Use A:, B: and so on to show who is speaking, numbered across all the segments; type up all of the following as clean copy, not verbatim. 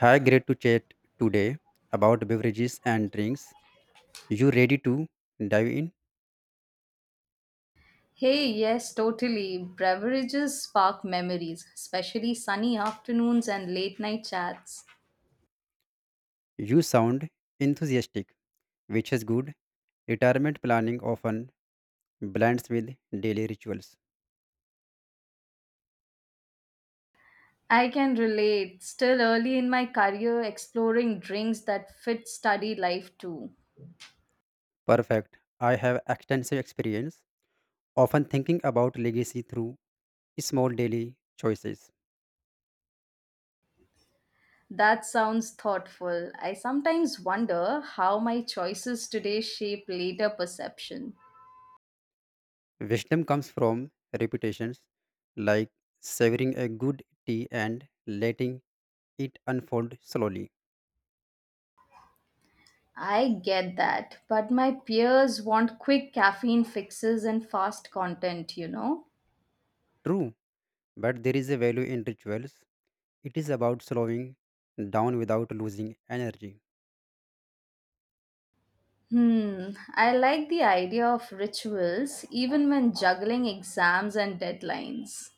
A: Hi, great to chat today about beverages and drinks. You ready to dive in?
B: Hey, yes, totally. Beverages spark memories, especially sunny afternoons and late night chats.
A: You sound enthusiastic, which is good. Retirement planning often blends with daily rituals.
B: I can relate. Still early in my career, exploring drinks that fit study life too.
A: Perfect. I have extensive experience, often thinking about legacy through small daily choices.
B: That sounds thoughtful. I sometimes wonder how my choices today shape later perception.
A: Wisdom comes from reputations, like savoring a good tea and letting it unfold slowly.
B: I get that, but my peers want quick caffeine fixes and fast content,
A: True, but there is a value in rituals. It is about slowing down without losing energy.
B: Hmm, I like the idea of rituals even when juggling exams and deadlines.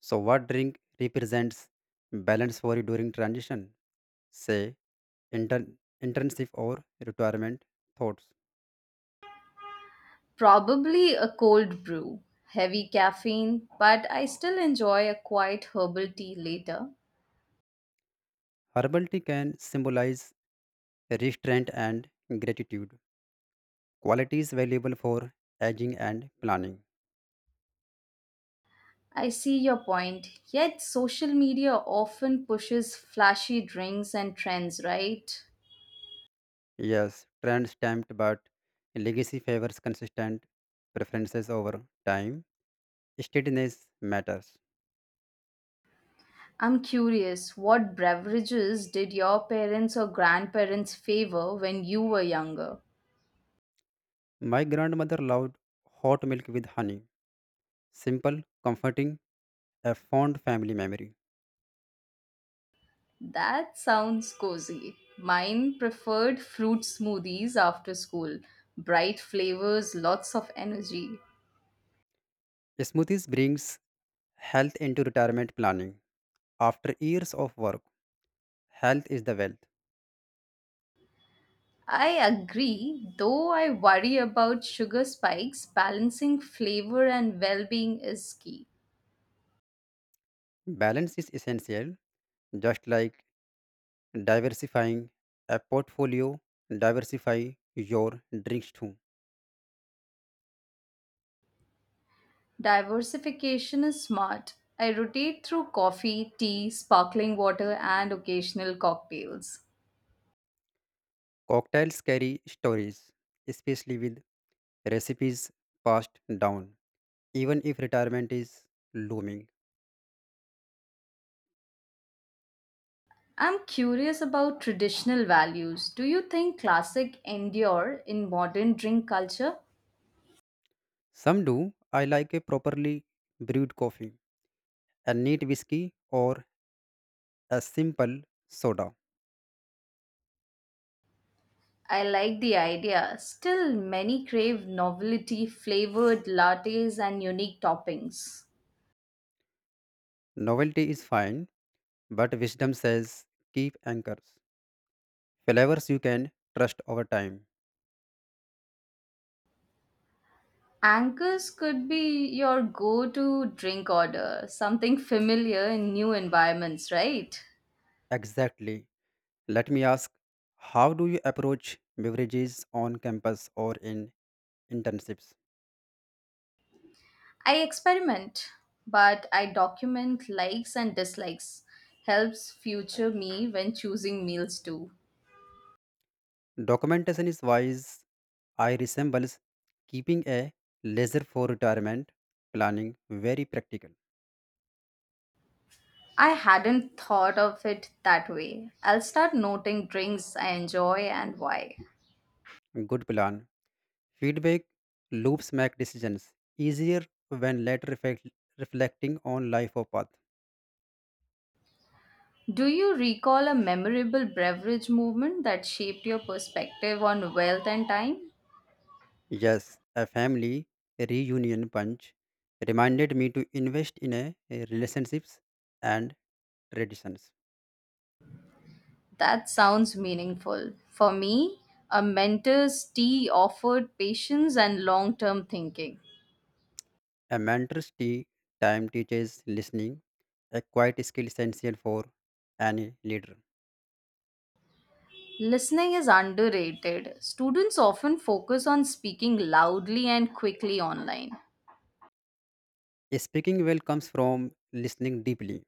A: So, what drink represents balance for you during transition, say internship or retirement thoughts?
B: Probably a cold brew, heavy caffeine, but I still enjoy a quiet herbal tea later.
A: Herbal tea can symbolize restraint and gratitude, qualities valuable for aging and planning.
B: I see your point, yet social media often pushes flashy drinks and trends, right?
A: Yes, trend stamped, but legacy favors consistent preferences over time. Steadiness matters.
B: I'm curious, what beverages did your parents or grandparents favor when you were younger?
A: My grandmother loved hot milk with honey. Simple, comforting, a fond family memory.
B: That sounds cozy. Mine preferred fruit smoothies after school. Bright flavors, lots of energy.
A: Smoothies brings health into retirement planning. After years of work, health is the wealth.
B: I agree, though I worry about sugar spikes. Balancing flavor and well being is key.
A: Balance is essential, just like diversifying a portfolio, diversify your drinks too.
B: Diversification is smart. I rotate through coffee, tea, sparkling water, and occasional cocktails.
A: Cocktails carry stories, especially with recipes passed down, even if retirement is looming.
B: I'm curious about traditional values. Do you think classic endure in modern drink culture?
A: Some do. I like a properly brewed coffee, a neat whiskey, or a simple soda.
B: I like the idea. Still, many crave novelty flavored lattes and unique toppings.
A: Novelty is fine, but wisdom says keep anchors. Flavors you can trust over time.
B: Anchors could be your go to drink order, something familiar in new environments, right?
A: Exactly. Let me ask, how do you approach beverages on campus or in internships?
B: I experiment, but I document likes and dislikes. Helps future me when choosing meals too.
A: Documentation is wise. I resembles keeping a ledger for retirement planning, very practical.
B: I hadn't thought of it that way. I'll start noting drinks I enjoy and why.
A: Good plan. Feedback loops make decisions easier when later reflect, reflecting on life or path.
B: Do you recall a memorable beverage movement that shaped your perspective on wealth and time?
A: Yes, a family reunion punch reminded me to invest in a relationships and traditions.
B: That sounds meaningful. For me, a mentor's tea offered patience and long term thinking.
A: A mentor's tea time teaches listening, a quiet skill essential for any leader.
B: Listening is underrated. Students often focus on speaking loudly and quickly online.
A: Speaking well comes from listening deeply,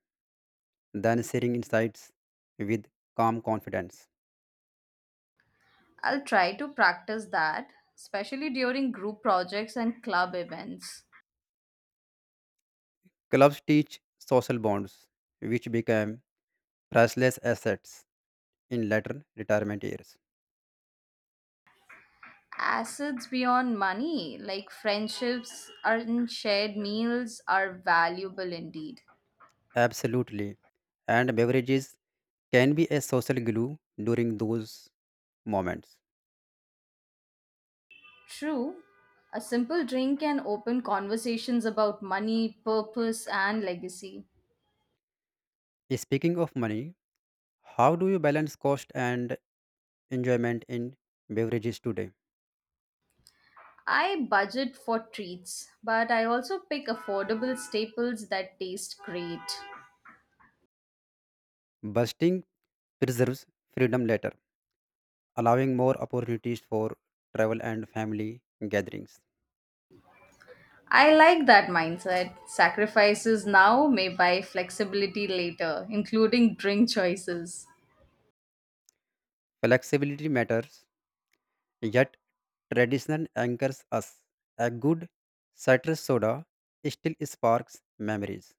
A: then sharing insights with calm confidence.
B: I'll try to practice that, especially during group projects and club events.
A: Clubs teach social bonds, which become priceless assets in later retirement years.
B: Assets beyond money, like friendships and shared meals, are valuable indeed.
A: Absolutely. And beverages can be a social glue during those moments.
B: True, a simple drink can open conversations about money, purpose, and legacy.
A: Speaking of money, how do you balance cost and enjoyment in beverages today?
B: I budget for treats, but I also pick affordable staples that taste great.
A: Busting preserves freedom later, allowing more opportunities for travel and family gatherings.
B: I like that mindset. Sacrifices now may buy flexibility later, including drink choices.
A: Flexibility matters, yet tradition anchors us. A good citrus soda still sparks memories.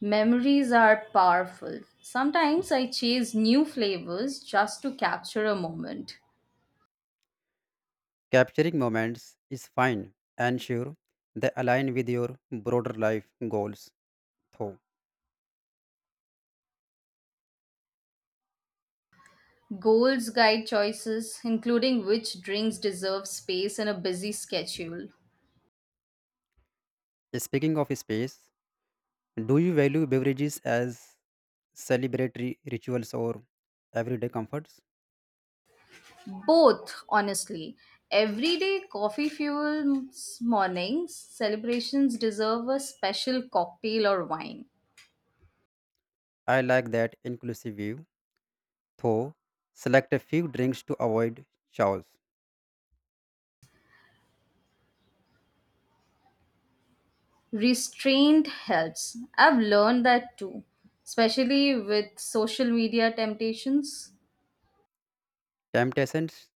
B: Memories are powerful. Sometimes I chase new flavors just to capture a moment.
A: Capturing moments is fine and sure they align with your broader life goals, though.
B: Goals guide choices, including which drinks deserve space in a busy schedule.
A: Speaking of space, do you value beverages as celebratory rituals or everyday comforts?
B: Both, honestly. Everyday coffee fuels mornings, celebrations deserve a special cocktail or wine.
A: I like that inclusive view, though. Select a few drinks to avoid chaos.
B: Restraint helps. I've learned that too, especially with social media temptations.
A: Temptations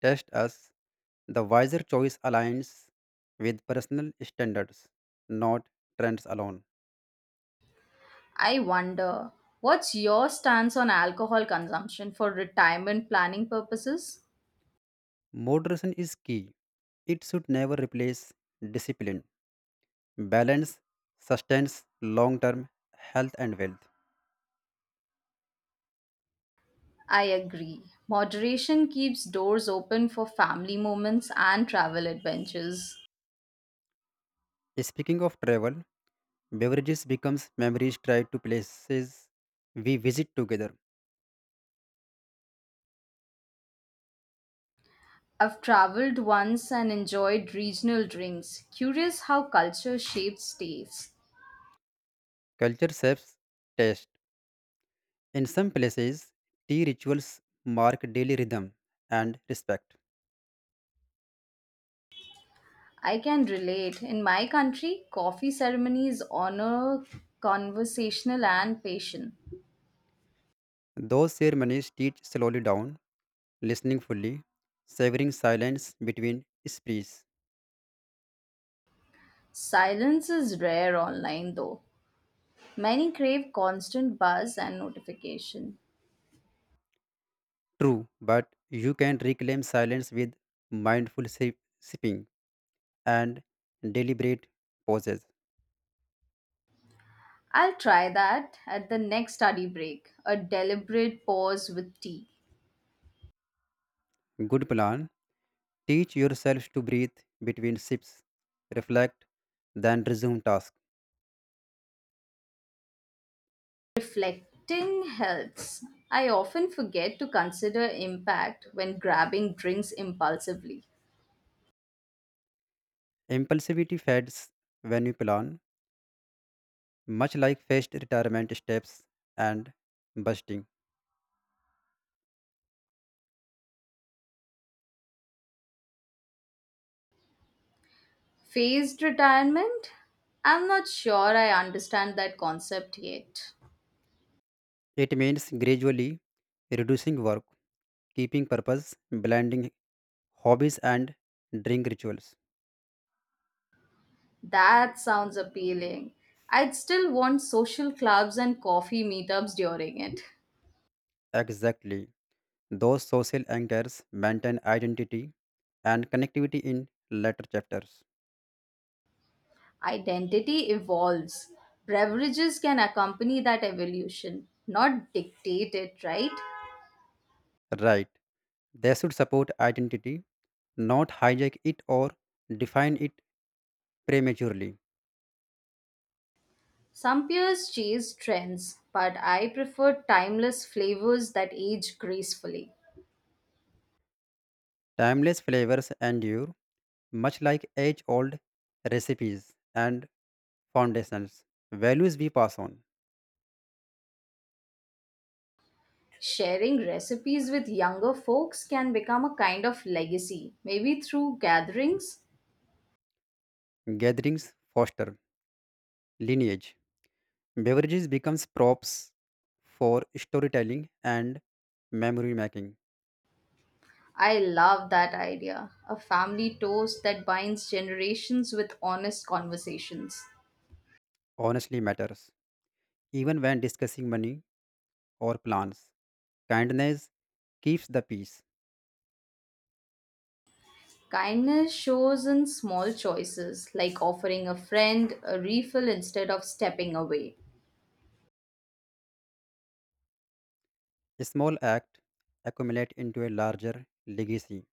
A: test us. The wiser choice aligns with personal standards, not trends alone.
B: I wonder, what's your stance on alcohol consumption for retirement planning purposes?
A: Moderation is key. It should never replace discipline, balance, sustains long term health and wealth.
B: I agree. Moderation keeps doors open for family moments and travel adventures.
A: Speaking of travel, beverages becomes memories tied to places we visit together.
B: I've traveled once and enjoyed regional drinks. Curious how culture shapes tastes.
A: Culture shapes taste. In some places, tea rituals mark daily rhythm and respect.
B: I can relate. In my country, coffee ceremonies honor conversational and patient.
A: Those ceremonies teach slowly down, listening fully, savoring silence between speech.
B: Silence is rare online though. Many crave constant buzz and notification.
A: True, but you can reclaim silence with mindful sipping and deliberate pauses.
B: I'll try that at the next study break, a deliberate pause with tea.
A: Good plan. Teach yourself to breathe between sips, reflect, then resume task.
B: Reflecting helps. I often forget to consider impact when grabbing drinks impulsively.
A: Impulsivity fades when you plan, much like phased retirement steps and busting.
B: Phased retirement? I'm not sure I understand that concept yet.
A: It means gradually reducing work, keeping purpose, blending hobbies and drink rituals.
B: That sounds appealing. I'd still want social clubs and coffee meetups during it.
A: Exactly. Those social anchors maintain identity and connectivity in later chapters.
B: Identity evolves. Beverages can accompany that evolution, not dictate it, right?
A: Right. They should support identity, not hijack it or define it prematurely.
B: Some peers chase trends, but I prefer timeless flavors that age gracefully.
A: Timeless flavors endure, much like age old recipes and foundations. Values we pass on,
B: Sharing recipes with younger folks can become a kind of legacy, maybe through gatherings.
A: gatherings foster lineage. Beverages becomes props for storytelling and memory making.
B: I love that idea. A family toast that binds generations with honest conversations.
A: Honestly matters. Even when discussing money or plans, kindness keeps the peace.
B: Kindness shows in small choices like offering a friend a refill instead of stepping away.
A: Small acts accumulate into a larger legacy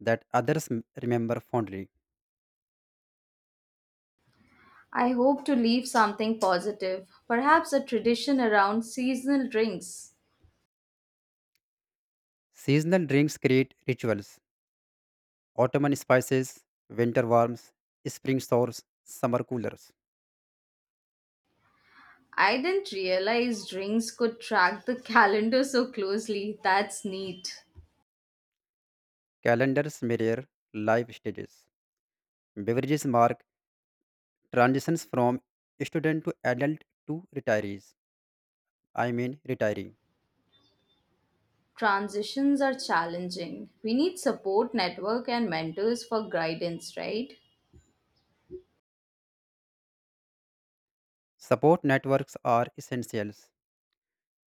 A: that others remember fondly.
B: I hope to leave something positive, perhaps a tradition around seasonal drinks.
A: Seasonal drinks create rituals. Autumn spices, winter warms, spring stores, summer coolers.
B: I didn't realize drinks could track the calendar so closely. That's neat.
A: Calendars mirror life stages. Beverages mark transitions from student to adult to retirees. I mean retiree.
B: Transitions are challenging. We need support network and mentors for guidance, right?
A: Support networks are essentials.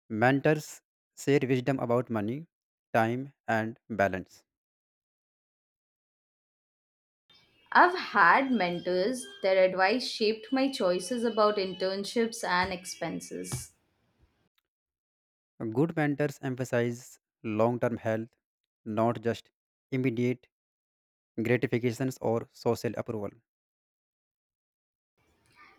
A: Mentors share wisdom about money, time, and balance.
B: I've had mentors, their advice shaped my choices about internships and expenses.
A: Good mentors emphasize long term health, not just immediate gratifications or social approval.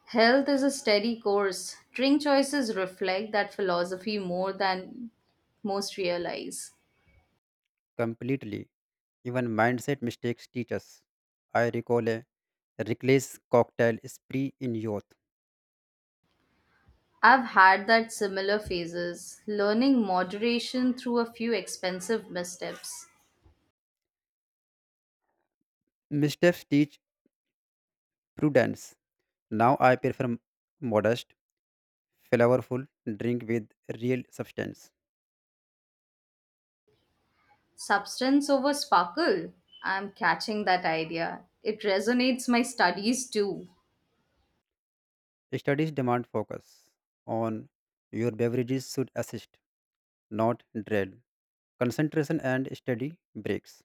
B: Health is a steady course. Drink choices reflect that philosophy more than most realize.
A: Completely, even mindset mistakes teach us. I recall a reckless cocktail spree in youth.
B: I've had that similar phases, learning moderation through a few expensive missteps.
A: Missteps teach prudence. Now I prefer modest, flavorful drink with real substance.
B: Substance over sparkle. I'm catching that idea. It resonates my studies too.
A: Studies demand focus on your beverages should assist, not derail. Concentration and study breaks.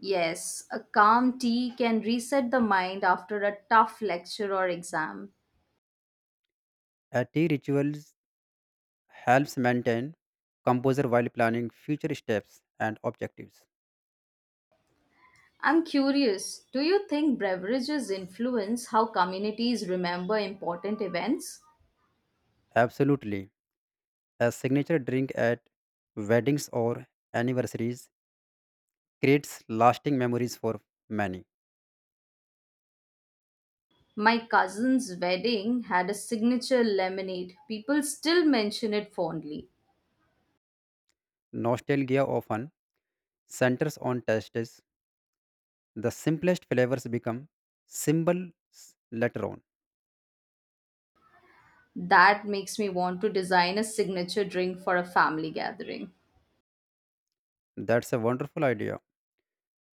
B: Yes, a calm tea can reset the mind after a tough lecture or exam.
A: A tea rituals helps maintain composure while planning future steps and objectives.
B: I'm curious, do you think beverages influence how communities remember important events?
A: Absolutely. A signature drink at weddings or anniversaries creates lasting memories for many.
B: My cousin's wedding had a signature lemonade. People still mention it fondly.
A: Nostalgia often centers on tastes. The simplest flavors become symbols later on.
B: That makes me want to design a signature drink for a family gathering.
A: That's a wonderful idea.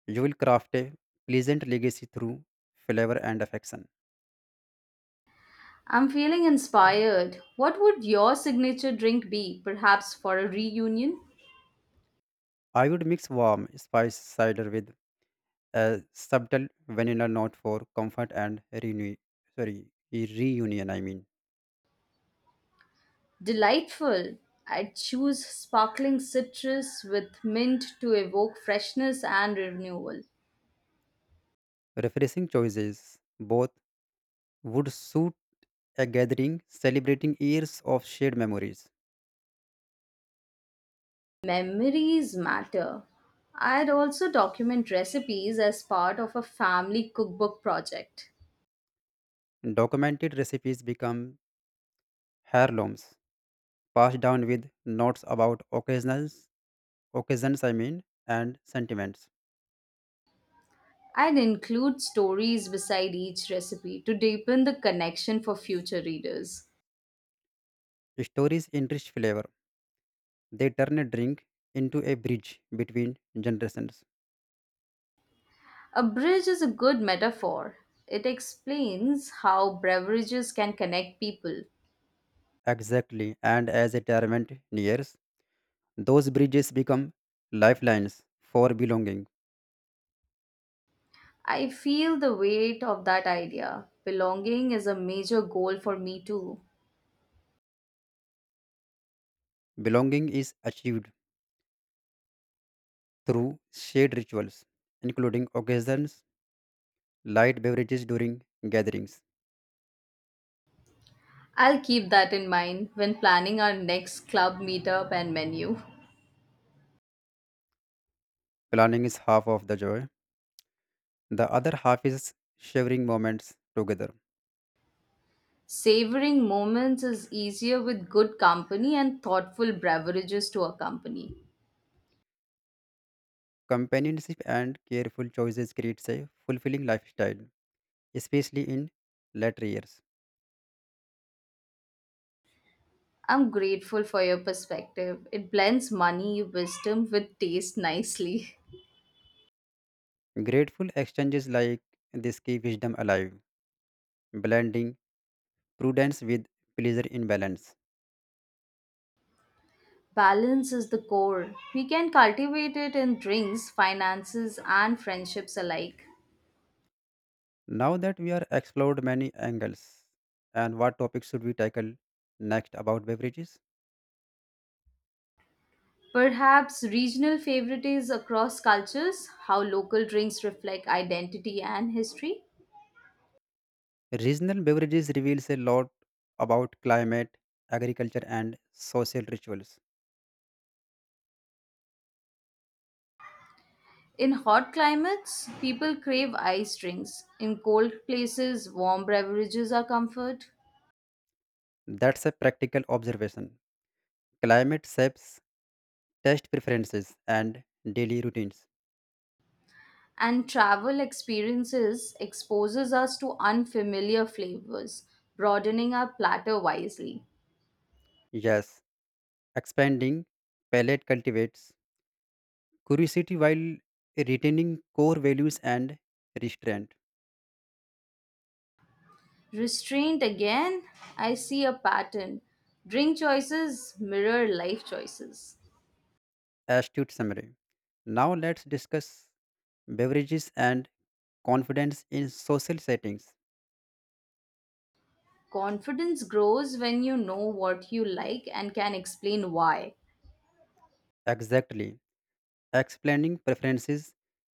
A: You will craft a pleasant legacy through flavor and affection.
B: I'm feeling inspired. What would your signature drink be? Perhaps for a reunion?
A: I would mix warm, spice cider with a subtle vanilla note for comfort and renew, sorry, reunion. I mean,
B: Delightful. I'd choose sparkling citrus with mint to evoke freshness and renewal.
A: refreshing choices. Both would suit a gathering celebrating years of shared memories.
B: Memories matter. I'd also document recipes as part of a family cookbook project.
A: Documented recipes become heirlooms, passed down with notes about occasions, I mean, and sentiments.
B: I'd include stories beside each recipe to deepen the connection for future readers.
A: Stories enrich flavor. They turn a drink into a bridge between generations.
B: A bridge is a good metaphor. It explains how beverages can connect people.
A: Exactly. And as retirement nears, those bridges become lifelines for belonging.
B: I feel the weight of that idea. Belonging is a major goal for me too.
A: Belonging is achieved through shared rituals, including occasions, light beverages during gatherings.
B: I'll keep that in mind when planning our next club meetup and menu.
A: Planning is half of the joy, the other half is sharing moments together.
B: Savoring moments is easier with good company and thoughtful beverages to accompany.
A: Companionship and careful choices creates a fulfilling lifestyle, especially in later years.
B: I'm grateful for your perspective. It blends money, wisdom with taste nicely.
A: Grateful exchanges like this keep wisdom alive, blending prudence with pleasure in balance.
B: Balance is the core. We can cultivate it in drinks, finances, and friendships alike.
A: Now that we are explored many angles, and what topic should we tackle next about beverages?
B: Perhaps regional favorites across cultures, how local drinks reflect identity and history.
A: Regional beverages reveals a lot about climate, agriculture, and social rituals.
B: In hot climates, people crave ice drinks. In cold places, warm beverages are comfort.
A: That's a practical observation. Climate shapes taste preferences and daily routines.
B: And travel experiences exposes us to unfamiliar flavors, broadening our platter wisely.
A: Yes, expanding palate cultivates curiosity while retaining core values and restraint.
B: Restraint again, I see a pattern. Drink choices mirror life choices.
A: Astute summary. Now let's discuss beverages and confidence in social settings.
B: Confidence grows when you know what you like and can explain why.
A: Exactly. Explaining preferences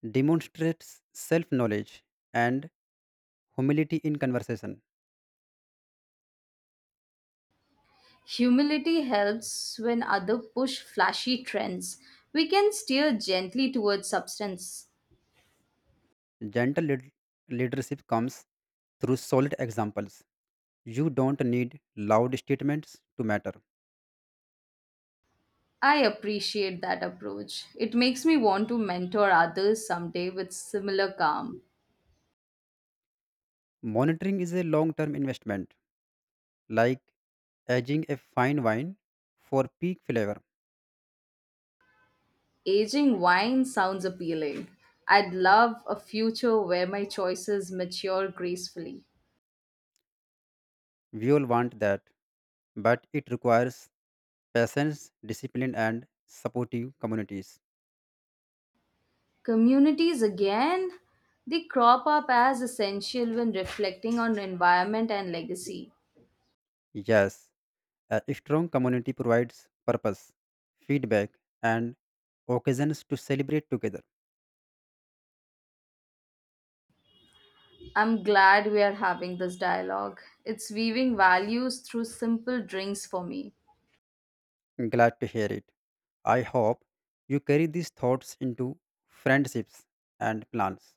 A: demonstrates self knowledge and humility in conversation.
B: Humility helps when others push flashy trends. We can steer gently towards substance.
A: Gentle leadership comes through solid examples. You don't need loud statements to matter.
B: I appreciate that approach. It makes me want to mentor others someday with similar calm.
A: Monitoring is a long term investment like aging a fine wine for peak flavor.
B: Aging wine sounds appealing. I'd love a future where my choices mature gracefully.
A: We all want that, but it requires patience, discipline, and supportive communities.
B: Communities again? They crop up as essential when reflecting on environment and legacy.
A: Yes, a strong community provides purpose, feedback, and occasions to celebrate together.
B: I'm glad we are having this dialogue. It's weaving values through simple drinks for me.
A: Glad to hear it. I hope you carry these thoughts into friendships and plans.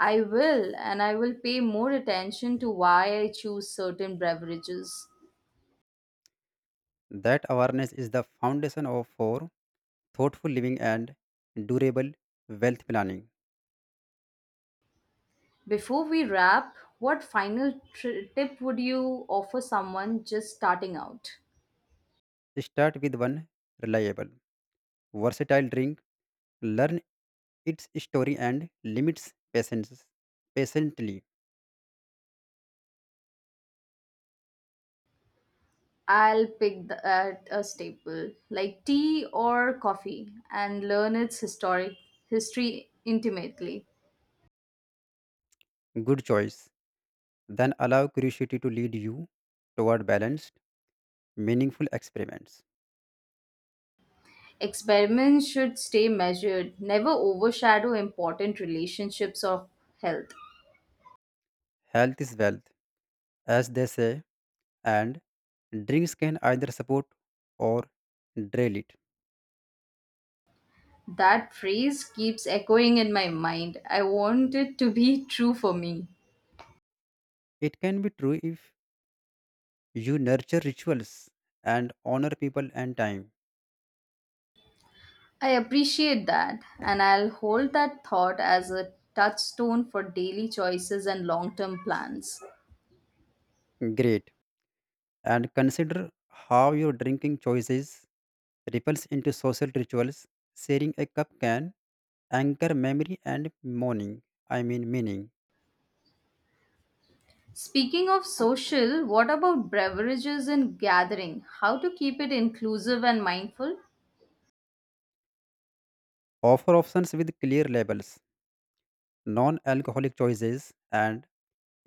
B: I will, and I will pay more attention to why I choose certain beverages.
A: That awareness is the foundation of for thoughtful living and durable wealth planning.
B: Before we wrap, what final tip would you offer someone just starting out?
A: Start with one reliable, versatile drink, learn its story and limits patience patiently.
B: I'll pick the, at a staple like tea or coffee and learn its historic history intimately.
A: Good choice. Then allow curiosity to lead you toward balanced, meaningful experiments.
B: Experiments should stay measured, never overshadow important relationships or health.
A: Health is wealth, as they say, and drinks can either support or drain it.
B: That phrase keeps echoing in my mind. I want it to be true for me.
A: It can be true if you nurture rituals and honor people and time.
B: I appreciate that, and I'll hold that thought as a touchstone for daily choices and long term plans.
A: Great. And consider how your drinking choices ripples into social rituals. Sharing a cup can anchor memory and morning, I mean meaning.
B: Speaking of social, what about beverages and gathering? How to keep it inclusive and mindful?
A: Offer options with clear labels, non-alcoholic choices, and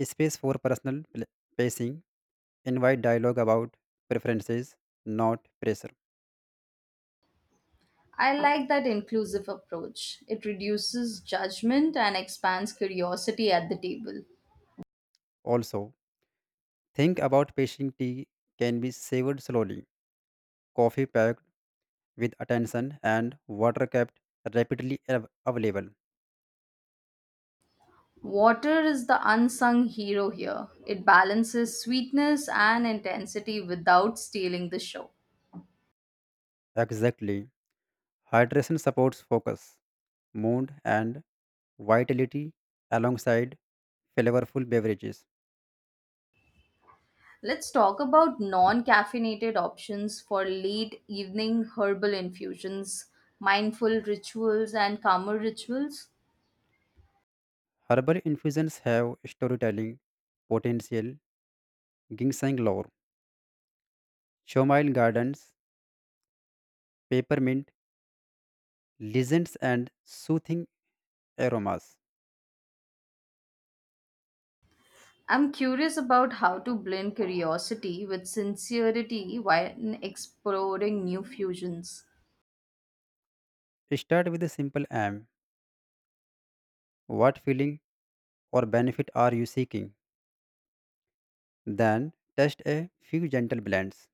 A: space for personal pacing. Invite dialogue about preferences, not pressure.
B: I like that inclusive approach. It reduces judgment and expands curiosity at the table.
A: Also, think about pacing tea can be savored slowly, coffee packed with attention, and water kept rapidly available.
B: Water is the unsung hero here. It balances sweetness and intensity without stealing the show.
A: Exactly. Hydration supports focus, mood, and vitality alongside flavorful beverages.
B: Let's talk about non caffeinated options for late evening herbal infusions, mindful rituals, and calmer rituals.
A: Herbal infusions have storytelling potential, ginseng lore, chamomile gardens, peppermint, legends, and soothing aromas.
B: I'm curious about how to blend curiosity with sincerity while exploring new fusions.
A: Start with a simple aim. What feeling or benefit are you seeking? Then test a few gentle blends.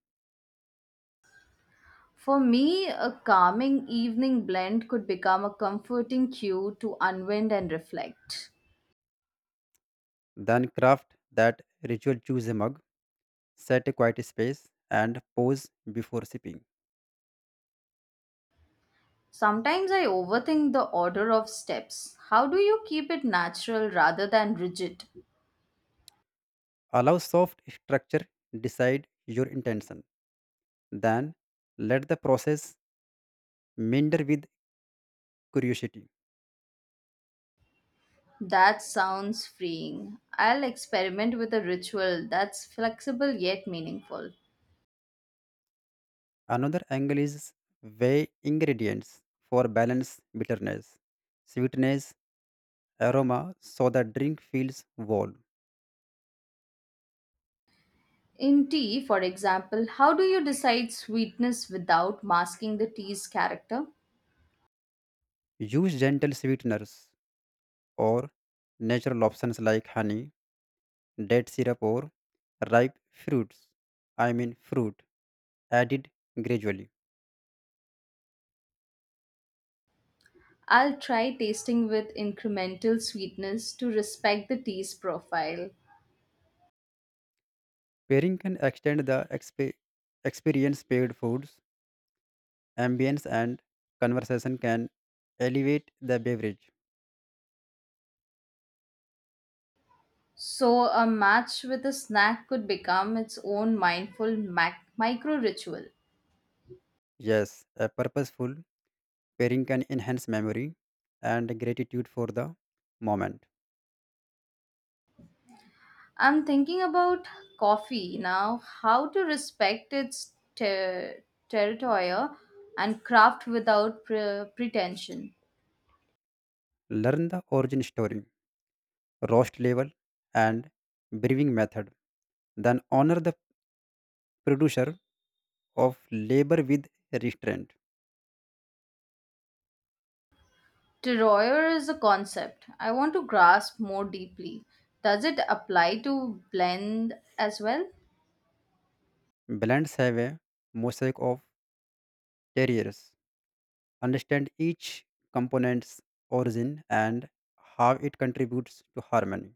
B: For me, a calming evening blend could become a comforting cue to unwind and reflect.
A: Then craft that ritual. Choose a mug, set a quiet space, and pause before sipping.
B: Sometimes I overthink the order of steps. How do you keep it natural rather than rigid?
A: Allow soft structure, decide your intention. Then let the process meander with curiosity.
B: That sounds freeing. I'll experiment with a ritual that's flexible yet meaningful.
A: Another angle is weigh ingredients for balance, bitterness, sweetness, aroma so the drink feels whole.
B: In tea, for example, how do you decide sweetness without masking the tea's character?
A: Use gentle sweeteners or natural options like honey, date syrup, or ripe fruits. I mean, fruit added gradually.
B: I'll try tasting with incremental sweetness to respect the tea's profile.
A: Pairing can extend the experience, paired foods, ambience and conversation can elevate the beverage.
B: So, a match with a snack could become its own mindful micro ritual.
A: Yes, a purposeful pairing can enhance memory and gratitude for the moment.
B: I'm thinking about coffee now, how to respect its territory and craft without pretension.
A: Learn the origin story, roast level, and brewing method. Then honor the producer of labor with restraint.
B: Terroir is a concept I want to grasp more deeply. Does it apply to blend as well?
A: Blends have a mosaic of terriers. Understand each component's origin and how it contributes to harmony.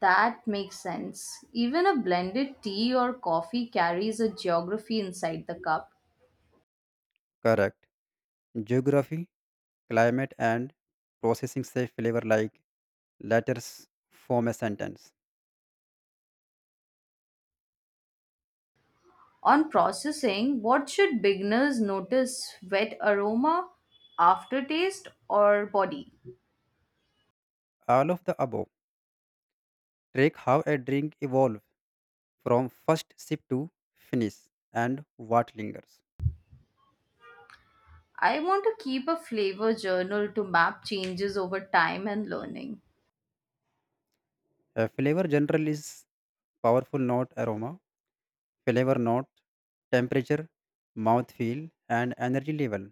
B: That makes sense. Even a blended tea or coffee carries a geography inside the cup.
A: Correct. Geography, climate and processing say flavor like letters form a sentence.
B: On processing, what should beginners notice? Wet aroma, aftertaste, or body?
A: All of the above, track how a drink evolves from first sip to finish and what lingers.
B: I want to keep a flavor journal to map changes over time and learning.
A: A flavor general is powerful, note aroma, flavor note, temperature, mouthfeel, and energy level,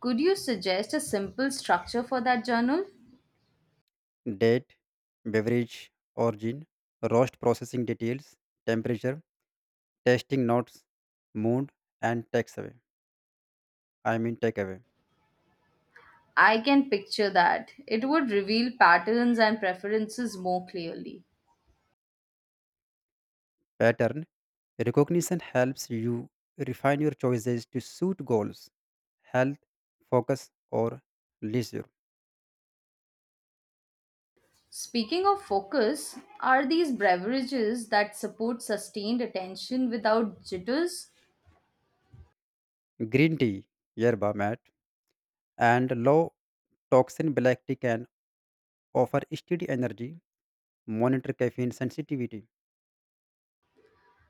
B: Could you suggest a simple structure for that journal?
A: date, beverage, origin, roast processing details, temperature, tasting notes, mood, and takeaway. I mean takeaway.
B: I can picture that. It would reveal patterns and preferences more clearly.
A: Pattern, recognition helps you refine your choices to suit goals, health, focus, or leisure.
B: Speaking of focus, are these beverages that support sustained attention without jitters?
A: Green tea, yerba mate, and low toxin black tea can offer steady energy, monitor caffeine sensitivity.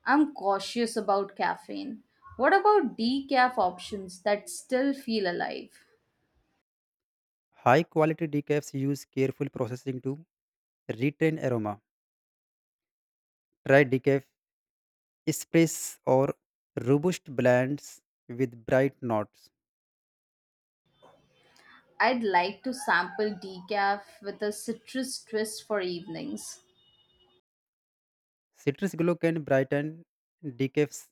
B: I'm cautious about caffeine. What about decaf options that still feel alive?
A: High quality decafs use careful processing to retain aroma. Try decaf espresso or robust blends with bright notes.
B: I'd like to sample decaf with a citrus twist for evenings.
A: Citrus glow can brighten decaf,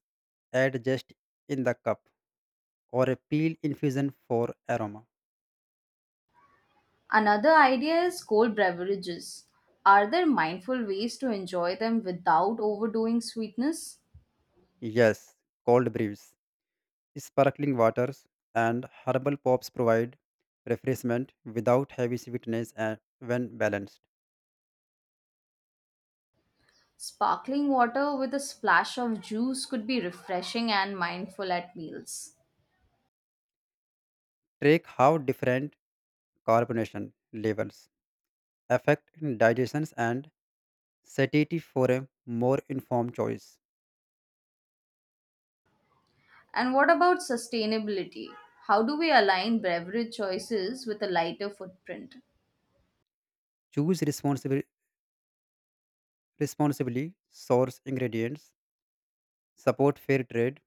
A: add just in the cup or a peel infusion for aroma.
B: Another idea is cold beverages. Are there mindful ways to enjoy them without overdoing sweetness?
A: Yes, cold brews, sparkling waters, and herbal pops provide refreshment without heavy sweetness and when balanced.
B: Sparkling water with a splash of juice could be refreshing and mindful at meals.
A: Track how different carbonation levels affect digestions and satiety for a more informed choice.
B: And what about sustainability? How do we align beverage choices with a lighter footprint?
A: Choose responsibly source ingredients, support fair trade,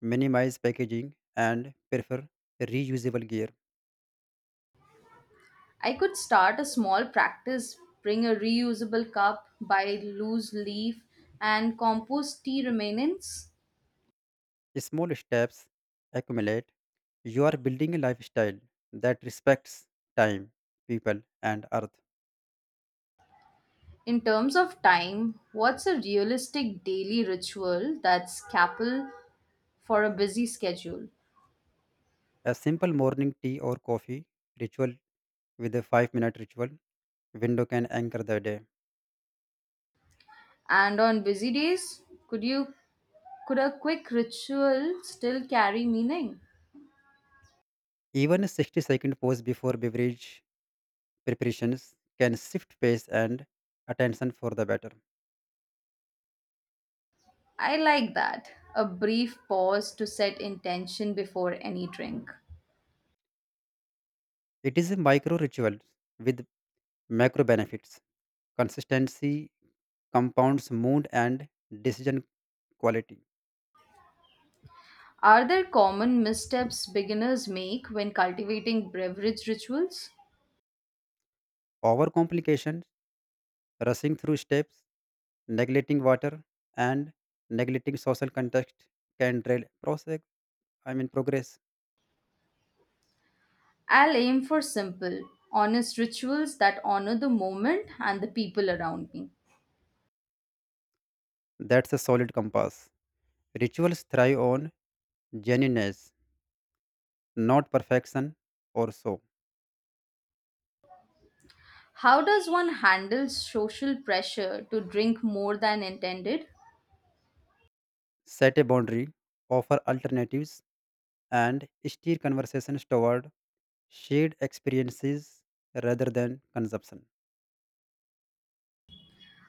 A: minimize packaging, and prefer reusable gear.
B: I could start a small practice, bring a reusable cup, buy loose leaf, and compost tea remnants.
A: Small steps accumulate. You are building a lifestyle that respects time, people, and earth.
B: In terms of time, what's a realistic daily ritual that's capable for a busy schedule?
A: A simple morning tea or coffee ritual with a 5-minute ritual window can anchor the day.
B: And on busy days, could you could a quick ritual still carry meaning?
A: Even a 60-second pause before beverage preparations can shift pace and attention for the better.
B: I like that. A brief pause to set intention before any drink.
A: It is a micro ritual with macro benefits. Consistency compounds mood and decision quality.
B: Are there common missteps beginners make when cultivating beverage rituals?
A: Overcomplication, rushing through steps, neglecting water, and neglecting social context can derail process. I mean progress.
B: I'll aim for simple, honest rituals that honor the moment and the people around me.
A: That's a solid compass. Rituals thrive on genuineness, not perfection or so.
B: How does one handle social pressure to drink more than intended?
A: Set a boundary, offer alternatives, and steer conversations toward shared experiences rather than consumption.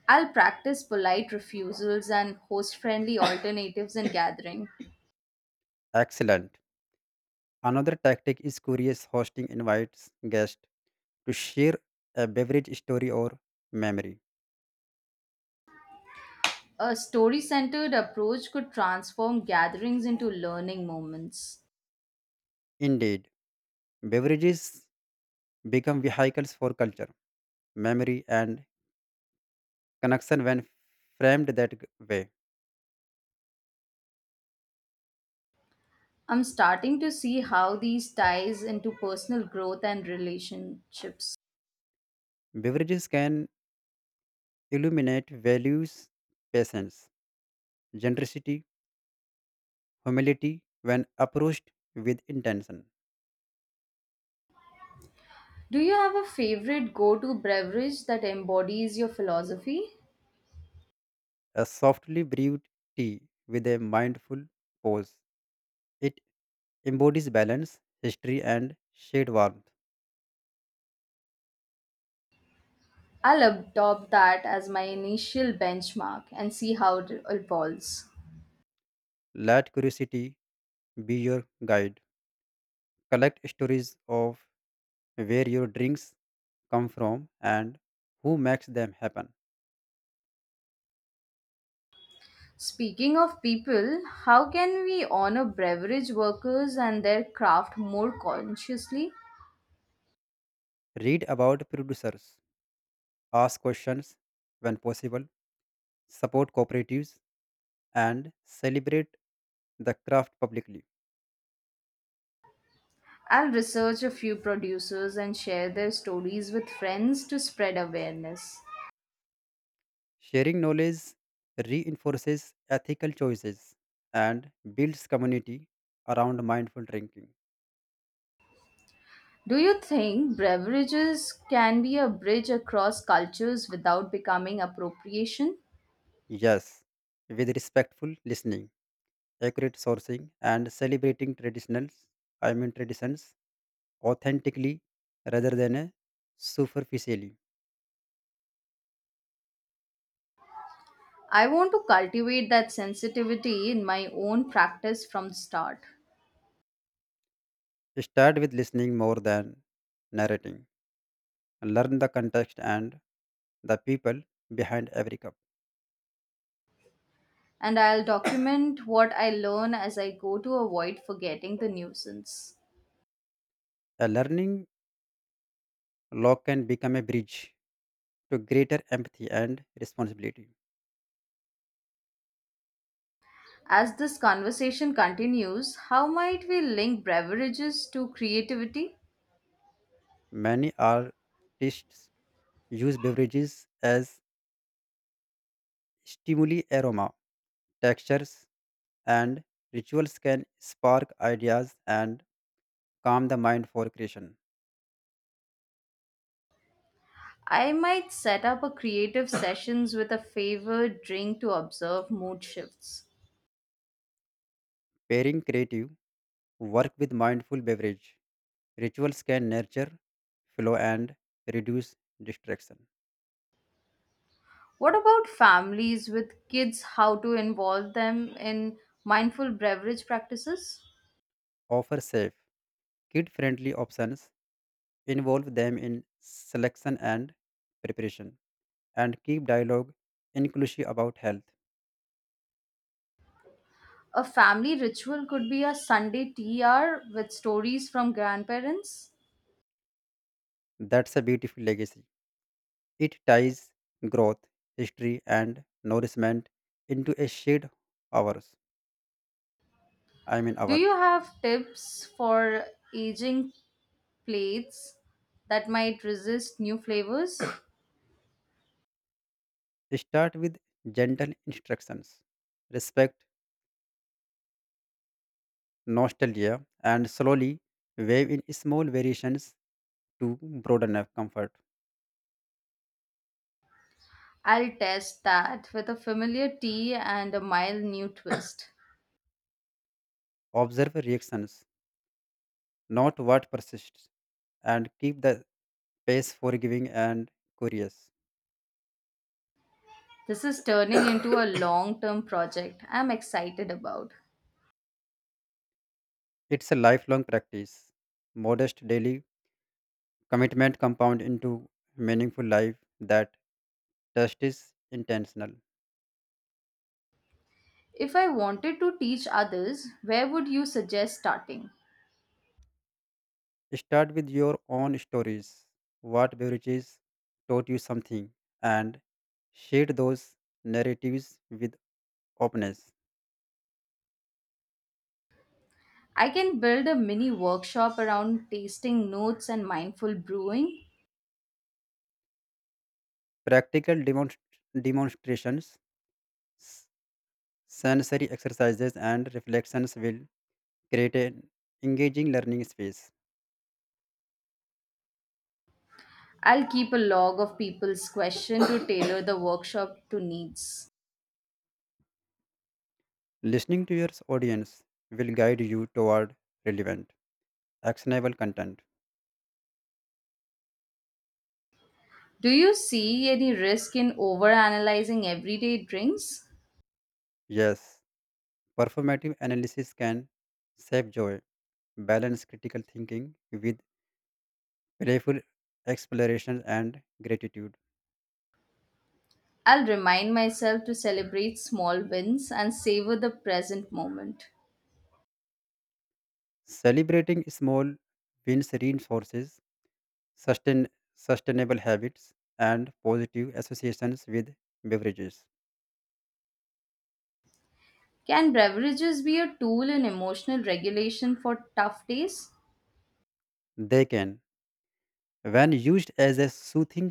B: I'll practice polite refusals and host friendly alternatives in gathering.
A: Excellent. Another tactic is curious hosting invites guests to share a beverage story or memory.
B: A story centered approach could transform gatherings into learning moments.
A: Indeed, beverages become vehicles for culture, memory, and connection when framed that way.
B: I'm starting to see how these ties into personal growth and relationships.
A: Beverages can illuminate values, patience, generosity, humility when approached with intention.
B: Do you have a favorite go to beverage that embodies your philosophy?
A: A softly brewed tea with a mindful pause. It embodies balance, history, and shade warmth.
B: I'll adopt that as my initial benchmark and see how it evolves.
A: Let curiosity be your guide. Collect stories of where your drinks come from and who makes them happen.
B: Speaking of people, how can we honor beverage workers and their craft more consciously?
A: Read about producers, ask questions when possible, support cooperatives, and celebrate the craft publicly.
B: I'll research a few producers and share their stories with friends to spread awareness.
A: Sharing knowledge reinforces ethical choices and builds community around mindful drinking.
B: Do you think beverages can be a bridge across cultures without becoming appropriation?
A: Yes, with respectful listening, accurate sourcing, and celebrating traditionals, I mean traditions, authentically rather than a superficially.
B: I want to cultivate that sensitivity in my own practice from the start,
A: Start with listening more than narrating. Learn the context and the people behind every cup.
B: and I'll document what I learn as I go to avoid forgetting the nuisance.
A: A learning log can become a bridge to greater empathy and responsibility.
B: As this conversation continues, how might we link beverages to creativity?
A: Many artists use beverages as stimuli aroma, textures, and rituals can spark ideas and calm the mind for creation.
B: I might set up a creative sessions with a favored drink to observe mood shifts.
A: Pairing creative work with mindful beverage. Rituals can nurture flow and reduce distraction.
B: What about families with kids? How to involve them in mindful beverage practices?
A: Offer safe, kid friendly options. Involve them in selection and preparation. And keep dialogue inclusive about health.
B: A family ritual could be a Sunday tea hour with stories from grandparents.
A: That's a beautiful legacy. It ties growth, history, and nourishment into a shared hours. I mean,
B: Do
A: hour.
B: you have tips for aging plates that might resist new flavors?
A: Start with gentle instructions. Respect nostalgia, and slowly wave in small variations to broaden our comfort.
B: I'll test that with a familiar tea and a mild new twist.
A: Observe reactions, not what persists, and keep the pace forgiving and curious.
B: This is turning into a long term project I'm excited about.
A: It's a lifelong practice. Modest daily commitment compound into meaningful life that test is intentional.
B: If I wanted to teach others, where would you suggest starting?
A: Start with your own stories. What beverages taught you something and share those narratives with openness.
B: I can build a mini workshop around tasting notes and mindful brewing.
A: Practical demonstrations, s- sensory exercises, and reflections will create an engaging learning space.
B: I'll keep a log of people's questions to tailor the workshop to needs.
A: Listening to your audience will guide you toward relevant, actionable content.
B: Do you see any risk in overanalyzing everyday drinks?
A: Yes, performative analysis can save joy, balance critical thinking with playful exploration and gratitude.
B: I'll remind myself to celebrate small wins and savor the present moment.
A: Celebrating small wins reinforces sustain, sustainable habits, and positive associations with beverages.
B: Can beverages be a tool in emotional regulation for tough days?
A: They can, when used as a soothing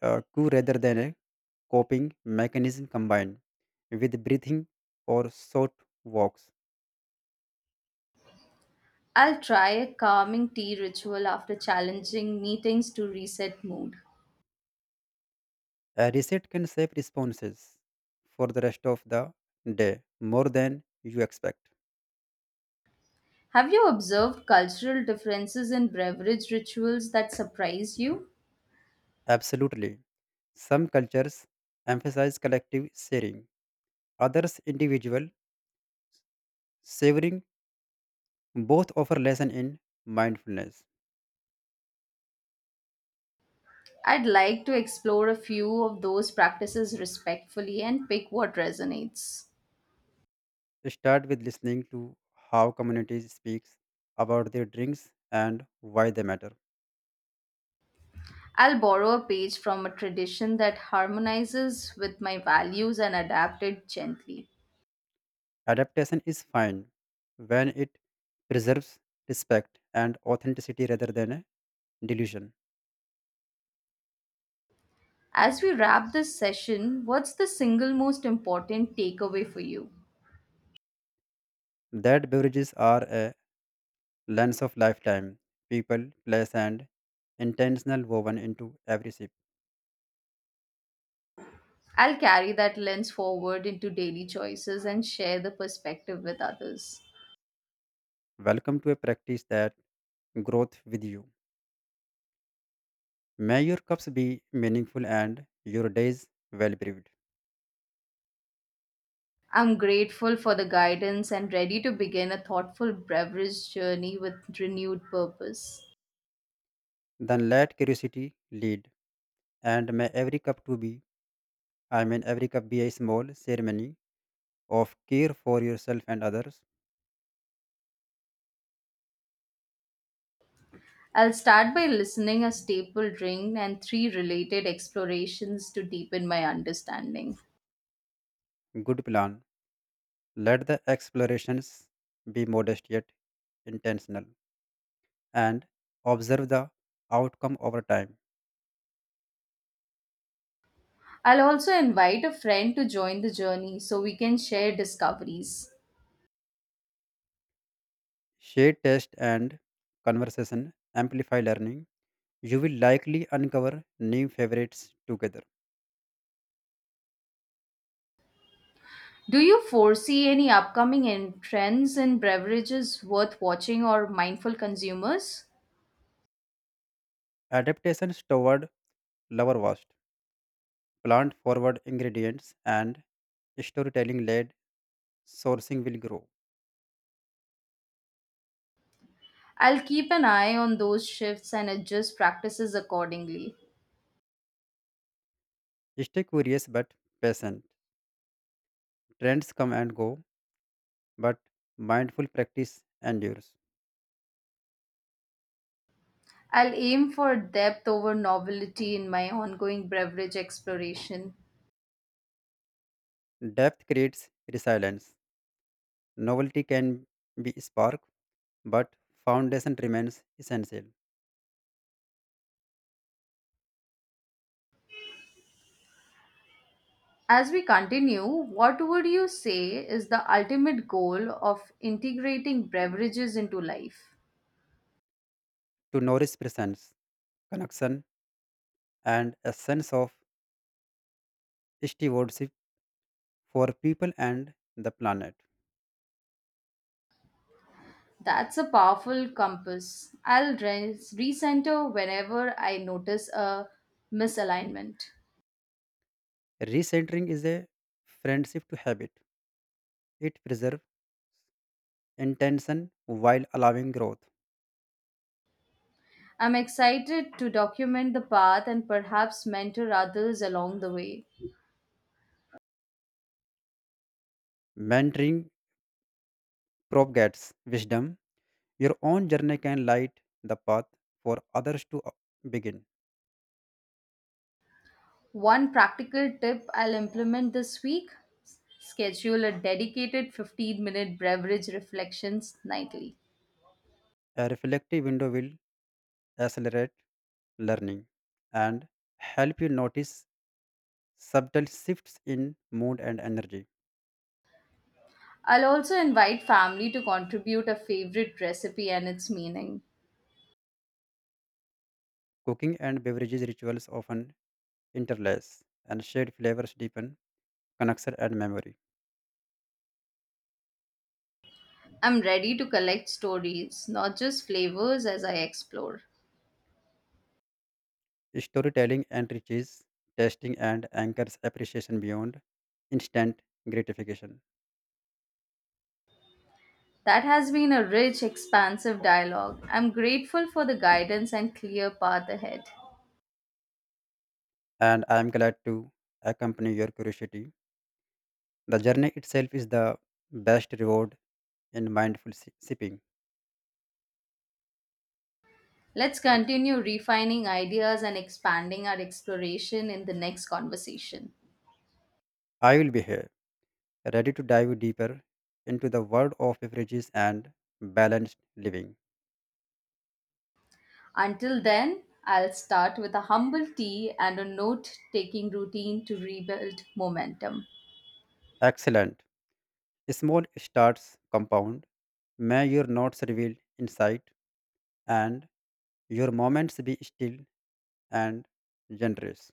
A: cue rather than a coping mechanism combined with breathing or short walks,
B: I'll try a calming tea ritual after challenging meetings to reset mood.
A: a reset can shape responses for the rest of the day more than you expect.
B: Have you observed cultural differences in beverage rituals that surprise you?
A: Absolutely. Some cultures emphasize collective sharing, others individual. Savoring both offer lesson in mindfulness.
B: I'd like to explore a few of those practices respectfully and pick what resonates.
A: Start with listening to how communities speaks about their drinks and why they matter.
B: I'll borrow a page from a tradition that harmonizes with my values and adapt it gently.
A: Adaptation is fine when it preserves respect and authenticity rather than a delusion.
B: As we wrap this session, what's the single most important takeaway for you?
A: That beverages are a lens of lifetime, people, place, and intentional woven into every sip.
B: I'll carry that lens forward into daily choices and share the perspective with others.
A: Welcome to a practice that growth with you. May your cups be meaningful and your days well breathed.
B: I'm grateful for the guidance and ready to begin a thoughtful beverage journey with renewed purpose.
A: Then let curiosity lead and may every cup to be I mean every cup be a small ceremony of care for yourself and others.
B: I'll start by listening a staple drink and three related explorations to deepen my understanding.
A: Good plan. Let the explorations be modest yet intentional, and observe the outcome over time.
B: I'll also invite a friend to join the journey so we can share discoveries.
A: Share test and conversation amplify learning. You will likely uncover new favorites together.
B: Do you foresee any upcoming trends in beverages worth watching or mindful consumers?
A: Adaptations toward lower vast plant forward ingredients and storytelling led sourcing will grow.
B: I'll keep an eye on those shifts and adjust practices accordingly.
A: Stay curious but patient. Trends come and go, but mindful practice endures.
B: I'll aim for depth over novelty in my ongoing beverage exploration.
A: Depth creates resilience. Novelty can be spark, but foundation remains essential.
B: As we continue, what would you say is the ultimate goal of integrating beverages into life?
A: To nourish presence, connection, and a sense of stewardship for people and the planet.
B: That's a powerful compass. I'll recenter whenever I notice a misalignment.
A: Recentering is a friendship to habit. It preserves intention while allowing growth.
B: I'm excited to document the path and perhaps mentor others along the way.
A: Mentoring propagates wisdom. Your own journey can light the path for others to begin.
B: One practical tip I'll implement this week schedule a dedicated 15-minute beverage reflections nightly.
A: A reflective window will accelerate learning and help you notice subtle shifts in mood and energy.
B: I'll also invite family to contribute a favorite recipe and its meaning.
A: Cooking and beverages rituals often interlace, and shared flavors deepen connection and memory.
B: I'm ready to collect stories, not just flavors, as I explore.
A: Storytelling enriches tasting and anchors appreciation beyond instant gratification.
B: That has been a rich, expansive dialogue. I'm grateful for the guidance and clear path ahead.
A: And I am glad to accompany your curiosity. The journey itself is the best reward in mindful sipping.
B: Let's continue refining ideas and expanding our exploration in the next conversation.
A: I will be here, ready to dive deeper into the world of beverages and balanced living.
B: Until then, I'll start with a humble tea and a note taking routine to rebuild momentum.
A: Excellent. Small starts compound. May your notes reveal insight and your moments be still and generous.